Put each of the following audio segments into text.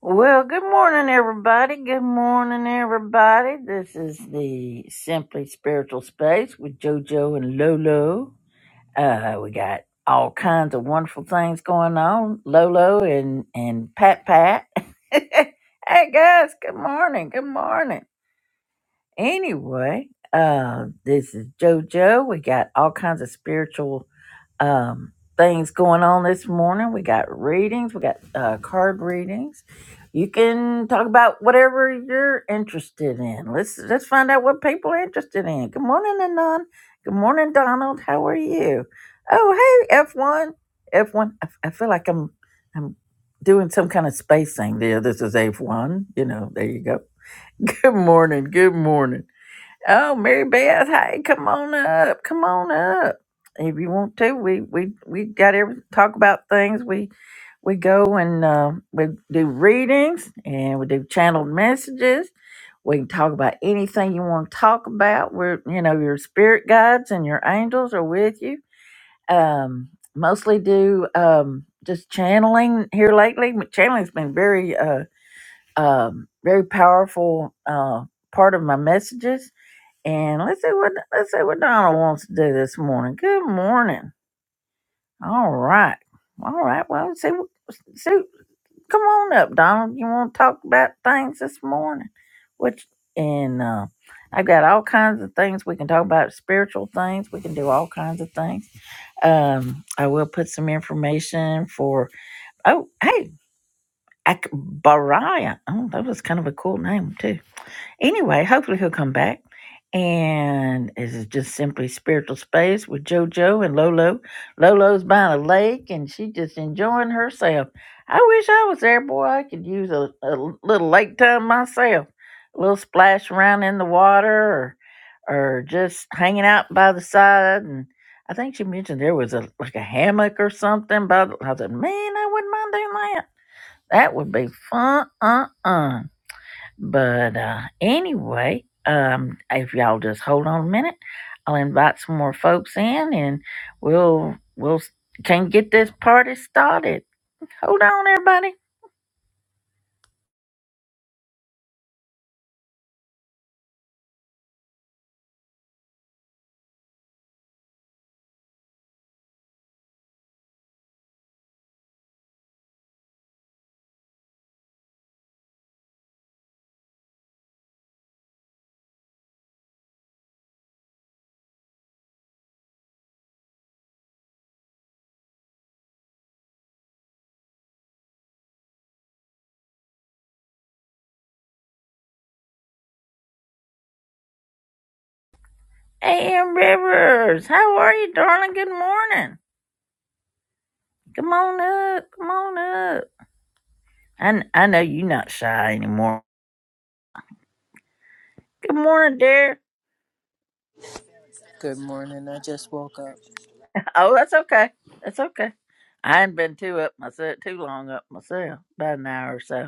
Well, good morning, everybody. Good morning, everybody. This is the Simply Spiritual Space with JoJo and Lolo. Uh, we got all kinds of wonderful things going on. Lolo and, and Pat Pat. hey, guys, good morning. Good morning. Anyway, uh, this is JoJo. We got all kinds of spiritual um, things going on this morning. We got readings, we got uh, card readings. You can talk about whatever you're interested in. Let's let's find out what people are interested in. Good morning, Anon. Good morning, Donald. How are you? Oh, hey, F one, F one. I, I feel like I'm I'm doing some kind of space thing there. This is F one. You know, there you go. Good morning. Good morning. Oh, Mary Beth, hey, come on up, come on up. If you want to, we we we got every talk about things. We we go and uh, we do readings and we do channeled messages. We can talk about anything you want to talk about. We're you know your spirit guides and your angels are with you. Um, mostly do um just channeling here lately. Channeling's been very uh um very powerful uh part of my messages and let's see what let's see what Donna wants to do this morning. Good morning. All right. All right. Well, see, what- see, come on up, Donald. You want to talk about things this morning? Which and uh, I've got all kinds of things we can talk about. Spiritual things we can do. All kinds of things. Um, I will put some information for. Oh, hey, Ak- Baraya. Oh, that was kind of a cool name too. Anyway, hopefully he'll come back. And this is just simply spiritual space with JoJo and Lolo. Lolo's by the lake and she just enjoying herself. I wish I was there, boy. I could use a, a little lake time myself. A little splash around in the water or or just hanging out by the side. And I think she mentioned there was a like a hammock or something by the, I said, Man, I wouldn't mind doing that. That would be fun. Uh-uh. But uh, anyway, um, if y'all just hold on a minute, I'll invite some more folks in, and we'll we'll can get this party started. Hold on, everybody. A.M. Rivers, how are you, darling? Good morning. Come on up. Come on up. I, I know you're not shy anymore. Good morning, dear. Good morning. I just woke up. Oh, that's okay. That's okay. I ain't been too up myself too long up myself, about an hour or so.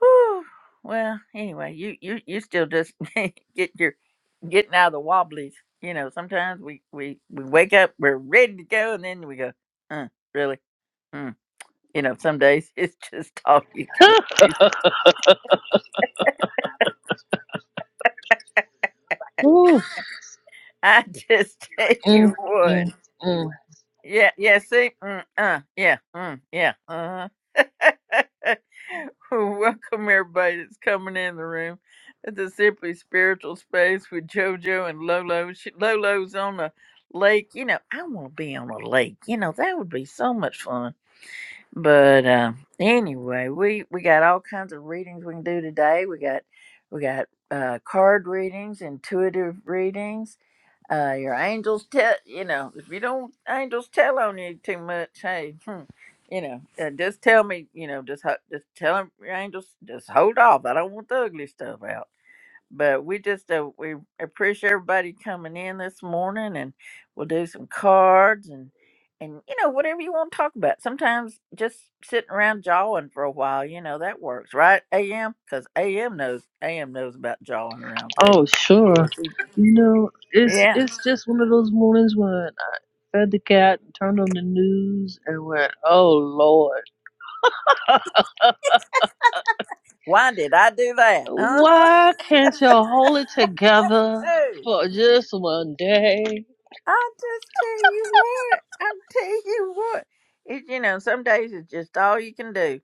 Whew. Well, anyway, you you you still just get your getting out of the wobblies. You know, sometimes we we we wake up, we're ready to go, and then we go, uh, really? Mm. You know, some days it's just all you can do. Oof, I just tell mm, you what. mm, mm. Yeah, yeah. See, mm, uh, yeah, mm, yeah. uh-huh. Welcome everybody that's coming in the room. This is simply spiritual space with JoJo and Lolo. She, Lolo's on a lake. You know, I want to be on a lake. You know, that would be so much fun. But uh, anyway, we we got all kinds of readings we can do today. We got we got uh, card readings, intuitive readings uh, your angels tell you know if you don't angels tell on you too much. Hey, hmm, you know, uh, just tell me. You know, just ho- just tell 'em your angels. Just hold off. I don't want the ugly stuff out. But we just uh, we appreciate everybody coming in this morning, and we'll do some cards and and you know whatever you want to talk about. Sometimes just sitting around jawing for a while, you know that works, right? Am because Am knows Am knows about jawing around too. Oh, sure. Yes, You know, it's Yeah, it's just one of those mornings when I fed the cat, turned on the news, and went, "Oh Lord, Why did I do that? Uh huh. why can't y'all hold it together Hey, for just one day?" I just tell you what. I tell you what. It, you know, some days it's just all you can do.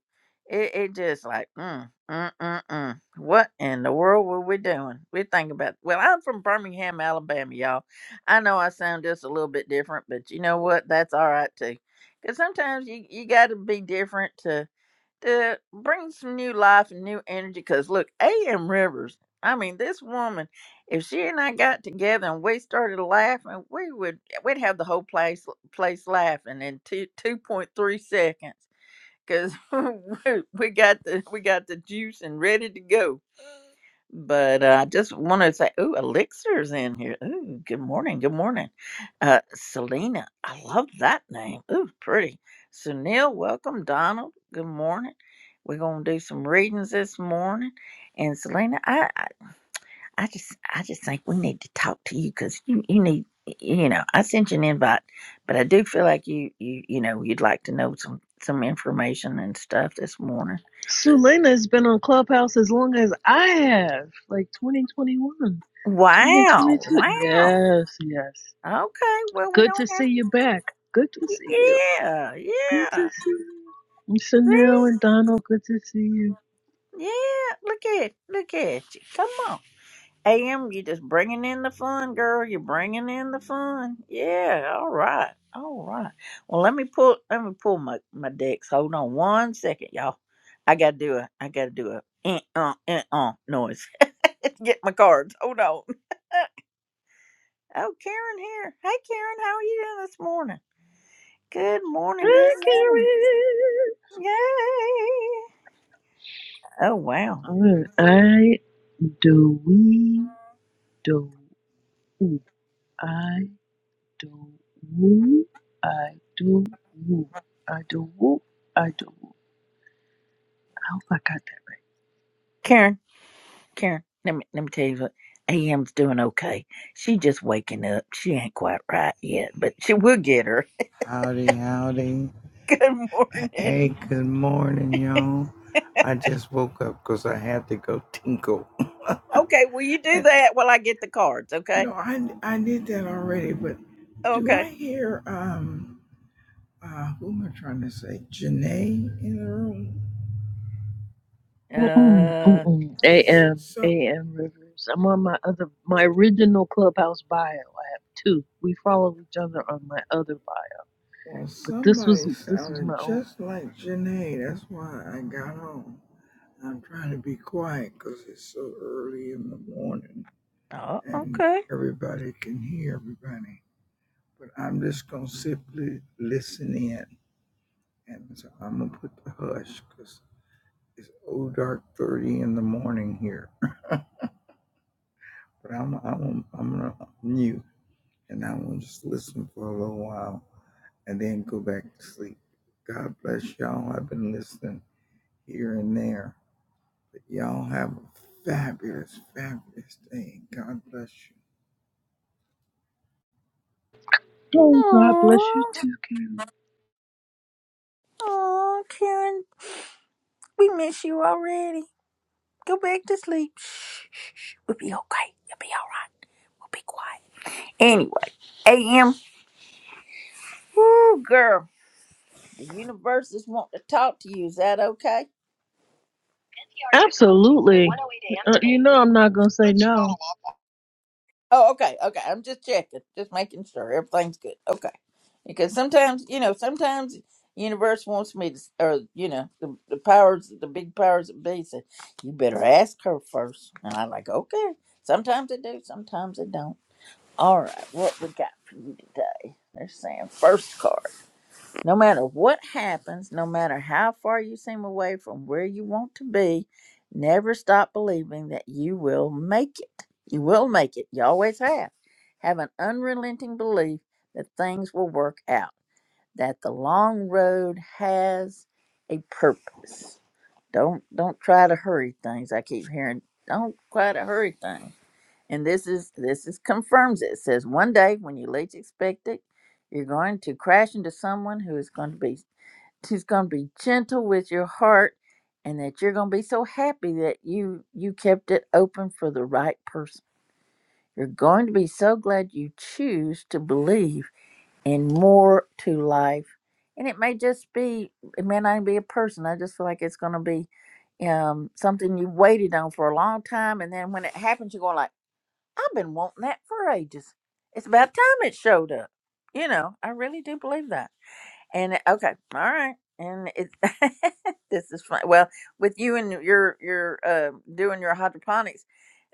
It, it just like, mm, mm, mm, mm. What in the world were we doing? We think about. Well, I'm from Birmingham, Alabama, y'all. I know I sound just a little bit different, but you know what? That's all right too. Because sometimes you you got to be different to to bring some new life and new energy. Because look, A.M. Rivers, I mean, this woman, if she and I got together and we started laughing, we would we'd have the whole place place laughing in two two point three seconds. Cause we we got the we got the juice and ready to go. But uh, I just want to say, ooh, Elixir's in here. Ooh, good morning, good morning. Uh, Selena, I love that name. Ooh, pretty. Sunil, welcome. Donald, good morning. We're gonna do some readings this morning. And Selena, I, I, I just, I just think we need to talk to you because you, you need, you know, I sent you an invite, but I do feel like you, you, you know, you'd like to know some, some information and stuff this morning. Selena has been on Clubhouse as long as I have, like 2021, twenty twenty Wow, two. wow. Yes, yes. Okay, well, we Good to don't have. see you back. Good to see you. Yeah, Good yeah. to see you. See? Chanel and Donald, good to see you. Yeah, look at look at you. Come on. AM, you just bringing in the fun, girl. You're bringing in the fun. Yeah, all right. All right. Well, let me pull let me pull my my decks. Hold on one second, y'all. I got to do a I got to do a eh, uh eh, uh noise. Get my cards. Hold on. Oh, Karen here. Hey Karen, how are you doing this morning? Good morning. Good Hi, morning. Yay. Oh, Karen. wow. All right. I do we do ooh. I do woo. I do woo. I do woo. I do woo. I hope I got that. Karen, let me, let me tell you what, AM's doing okay. She just waking up. She ain't quite right yet, but she will get her. Howdy, howdy. Good morning. Hey, good morning, y'all. I just woke up 'cause I had to go tinkle. Okay, will you do And, that while I get the cards, okay? no, I, I did that already, but do Okay. I hear, um, uh, who am I trying to say? Janae in the room? Mm-mm, Uh, mm-mm. A M A So, M Rivers. I'm on my other, my original Clubhouse bio. I have two. We follow each other on my other bio, well, but this was somebody this was sounded my own. just like Janae. That's why I got on. I'm trying to be quiet 'cause it's so early in the morning oh, and okay. everybody can hear everybody. but I'm just gonna simply listen in. And so I'm gonna put the hush because it's old dark thirty in the morning here. But I'm I'm I'm gonna mute and I'm gonna just listen for a little while and then go back to sleep. God bless y'all. I've been listening here and there. But y'all have a fabulous, fabulous day. God bless you. Oh, God bless you Oh, too, Karen. oh, Karen, we miss you already. Go back to sleep. We'll be okay. You'll be all right. We'll be quiet. Anyway, AM, woo, girl, the universe is wanting to talk to you. Is that okay? Absolutely. Uh, you know, I'm not going to say no. Oh, okay, okay. I'm just checking, just making sure everything's good. Okay, because sometimes you know, sometimes universe wants me to, or you know, the, the powers, the big powers that be say, you better ask her first, and I'm like, okay. Sometimes they do, sometimes they don't. All right, what we got for you today? They're saying first card. No matter what happens, no matter how far you seem away from where you want to be, never stop believing that you will make it. You will make it. You always have. Have an unrelenting belief that things will work out, that the long road has a purpose. Don't don't try to hurry things. I keep hearing don't try to hurry things. And this is this is confirms it. It says one day when you least expect it, you're going to crash into someone who is going to be he's going to be gentle with your heart and that you're going to be so happy that you you kept it open for the right person you're going to be so glad you choose to believe in more to life and it may just be it may not even be a person i just feel like it's going to be um, something you waited on for a long time and then when it happens you're going like i've been wanting that for ages it's about time it showed up you know i really do believe that and uh, okay, all right. And it this is fun. Well, with you and your your uh, doing your hydroponics,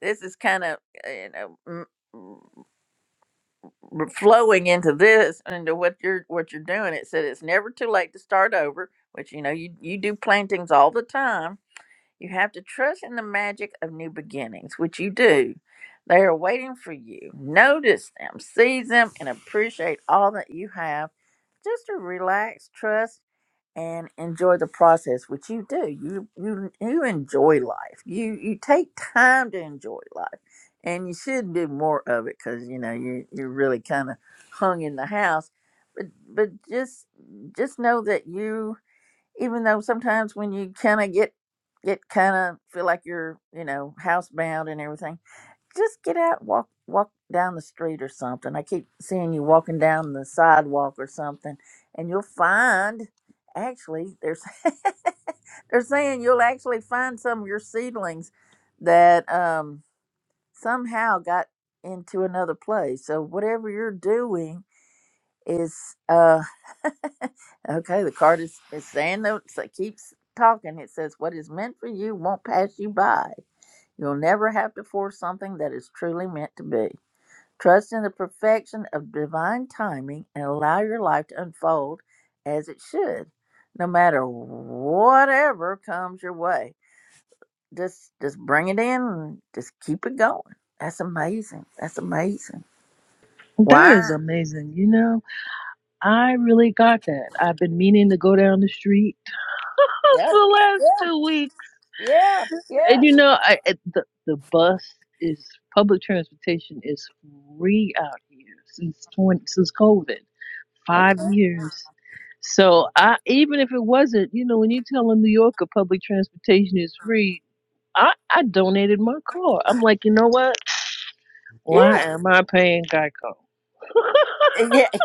this is kind of you know m- r- flowing into this into what you're what you're doing. It said it's never too late to start over, which you know you you do plantings all the time. You have to trust in the magic of new beginnings, which you do. They are waiting for you. Notice them, seize them, and appreciate all that you have. Just to relax, trust and enjoy the process which you do you you you enjoy life you you take time to enjoy life and you should do more of it because you know you you're really kind of hung in the house but but just just know that you even though sometimes when you kind of get get kind of feel like you're you know housebound and everything just get out and walk walk down the street or something. I keep seeing you walking down the sidewalk or something, and you'll find actually there's they're saying you'll actually find some of your seedlings that um, somehow got into another place. So whatever you're doing is uh, okay. The card is, is saying that so it keeps talking. It says what is meant for you won't pass you by. You'll never have to force something that is truly meant to be. Trust in the perfection of divine timing and allow your life to unfold as it should, no matter whatever comes your way. Just just bring it in and just keep it going. That's amazing. That's amazing. That is Wow. amazing. You know, I really got that. I've been meaning to go down the street Yep. for the last Yeah. two weeks. Yeah. And Yeah. you know, I I- the, the bus is public transportation is free out here since 20, since COVID, five Okay. years. So I even if it wasn't, you know, when you tell a New Yorker public transportation is free, I, I donated my car. I'm like, you know what? Why Yeah. am I paying Geico? Yeah.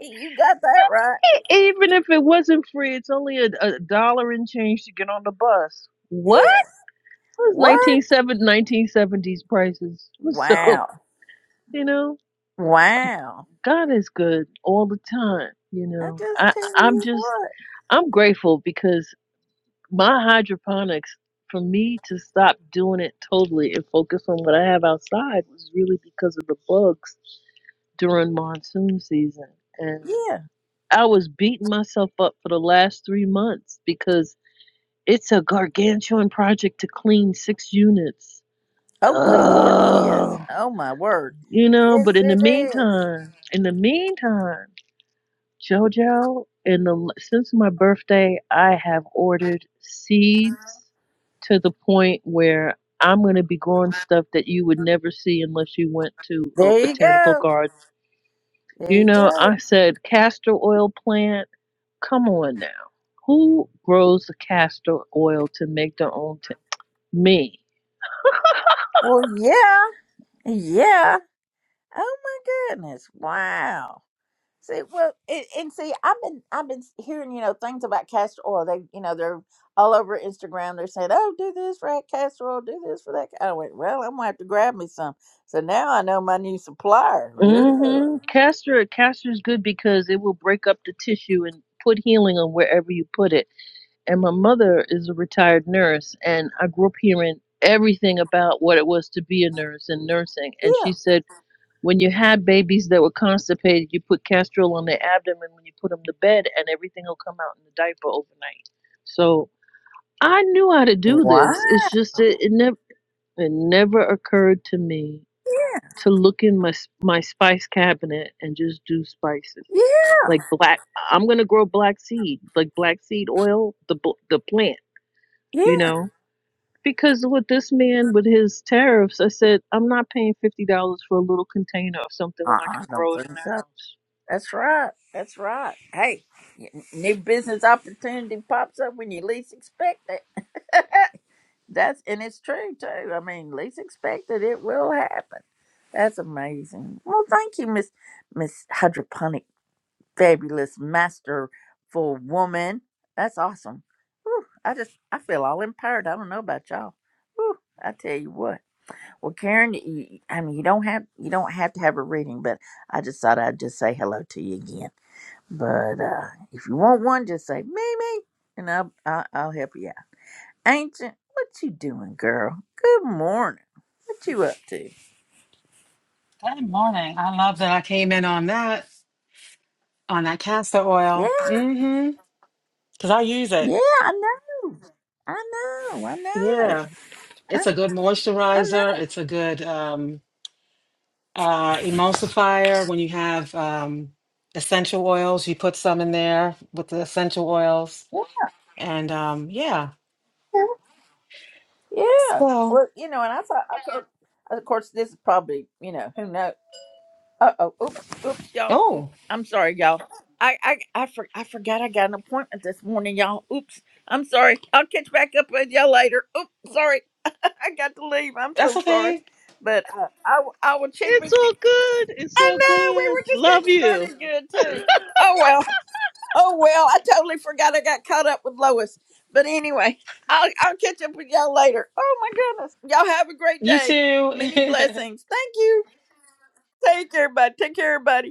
you got that right. Even if it wasn't free, it's only a, a dollar and change to get on the bus. What? Yeah. Those What? 1970, 1970s prices. So, Wow. you know, Wow. God is good all the time. You I know, just I, tell I'm you just, what. I'm grateful because my hydroponics, for me to stop doing it totally and focus on what I have outside was really because of the bugs during monsoon season. and. Yeah. I was beating myself up for the last three months because it's a gargantuan project to clean six units. Oh, good Lord, yes. Ugh. Oh, my word. You know, Yes, but in the it is. meantime, in the meantime, JoJo, in the since my birthday, I have ordered seeds to the point where I'm going to be growing stuff that you would never see unless you went to a There you botanical go. garden. There You you know, go. I said castor oil plant. Come on now. Who grows the castor oil to make their own tin? Me. Well, yeah. Yeah. Oh, my goodness. Wow. See, well, it, and see, I've been, I've been hearing, you know, things about castor oil. They, you know, they're all over Instagram. They're saying, "Oh, do this for that castor oil, do this for that." ca-" I went, "Well, I'm gonna have to grab me some." So now I know my new supplier. hmm Yeah, Castor castor is good because it will break up the tissue and put healing on wherever you put it. And my mother is a retired nurse and I grew up hearing everything about what it was to be a nurse and nursing. And yeah. she said when you had babies that were constipated, you put castor oil on their abdomen when you put them to bed and everything will come out in the diaper overnight. So I knew how to do Wow. this. It's just that it never it never occurred to me Yeah, to look in my s- my spice cabinet and just do spices like black. I'm gonna grow black seed, like black seed oil, the bl- the plant, you yeah. know. Because with this man with his tariffs, I said I'm not paying fifty dollars for a little container of something when Uh, I I can don't grow it in think the so. house. That's right. That's right. Hey, n- new business opportunity pops up when you least expect it. That's and it's true too. I mean, least expected, it will happen. That's amazing. Well, thank you, Miss Miss Hydroponic, fabulous, masterful woman. That's awesome. Whew, I just I feel all empowered. I don't know about y'all. Whew, I tell you what. Well, Karen, you, I mean, you don't have you don't have to have a reading, but I just thought I'd just say hello to you again. But uh, if you want one, just say Mimi, and I'll, I'll I'll help you out. Ancient, what you doing, girl? Good morning. What you up to? Good morning. I love that I came in on that, on that castor Yeah, oil. Mm-hmm. Because I use it. yeah, I know, I know, I know, Yeah. I, It's a good I moisturizer. know. It's a good um uh emulsifier. When you have um essential oils, you put some in there with the essential oils. And um yeah. Yeah, yeah. So, well, you know, and I thought, I thought, of course, this is probably you know who knows. Uh oh. Oops. Oops, y'all. Oops. oh, I'm sorry, y'all. I I I, for, I forgot I got an appointment this morning, y'all. Oops. I'm sorry. I'll catch back up with y'all later. Oops. Sorry. I got to leave. I'm so that's sorry. okay. But uh, I will- I will check It's with you. all good. It's I all know we good. were just Love getting you. started good too. Oh well. Oh well. I totally forgot I got caught up with Lois. But anyway, I'll I'll catch up with y'all later. Oh my goodness. Y'all have a great You day. Many too. blessings. Thank you. Take care, bud. Take care, everybody.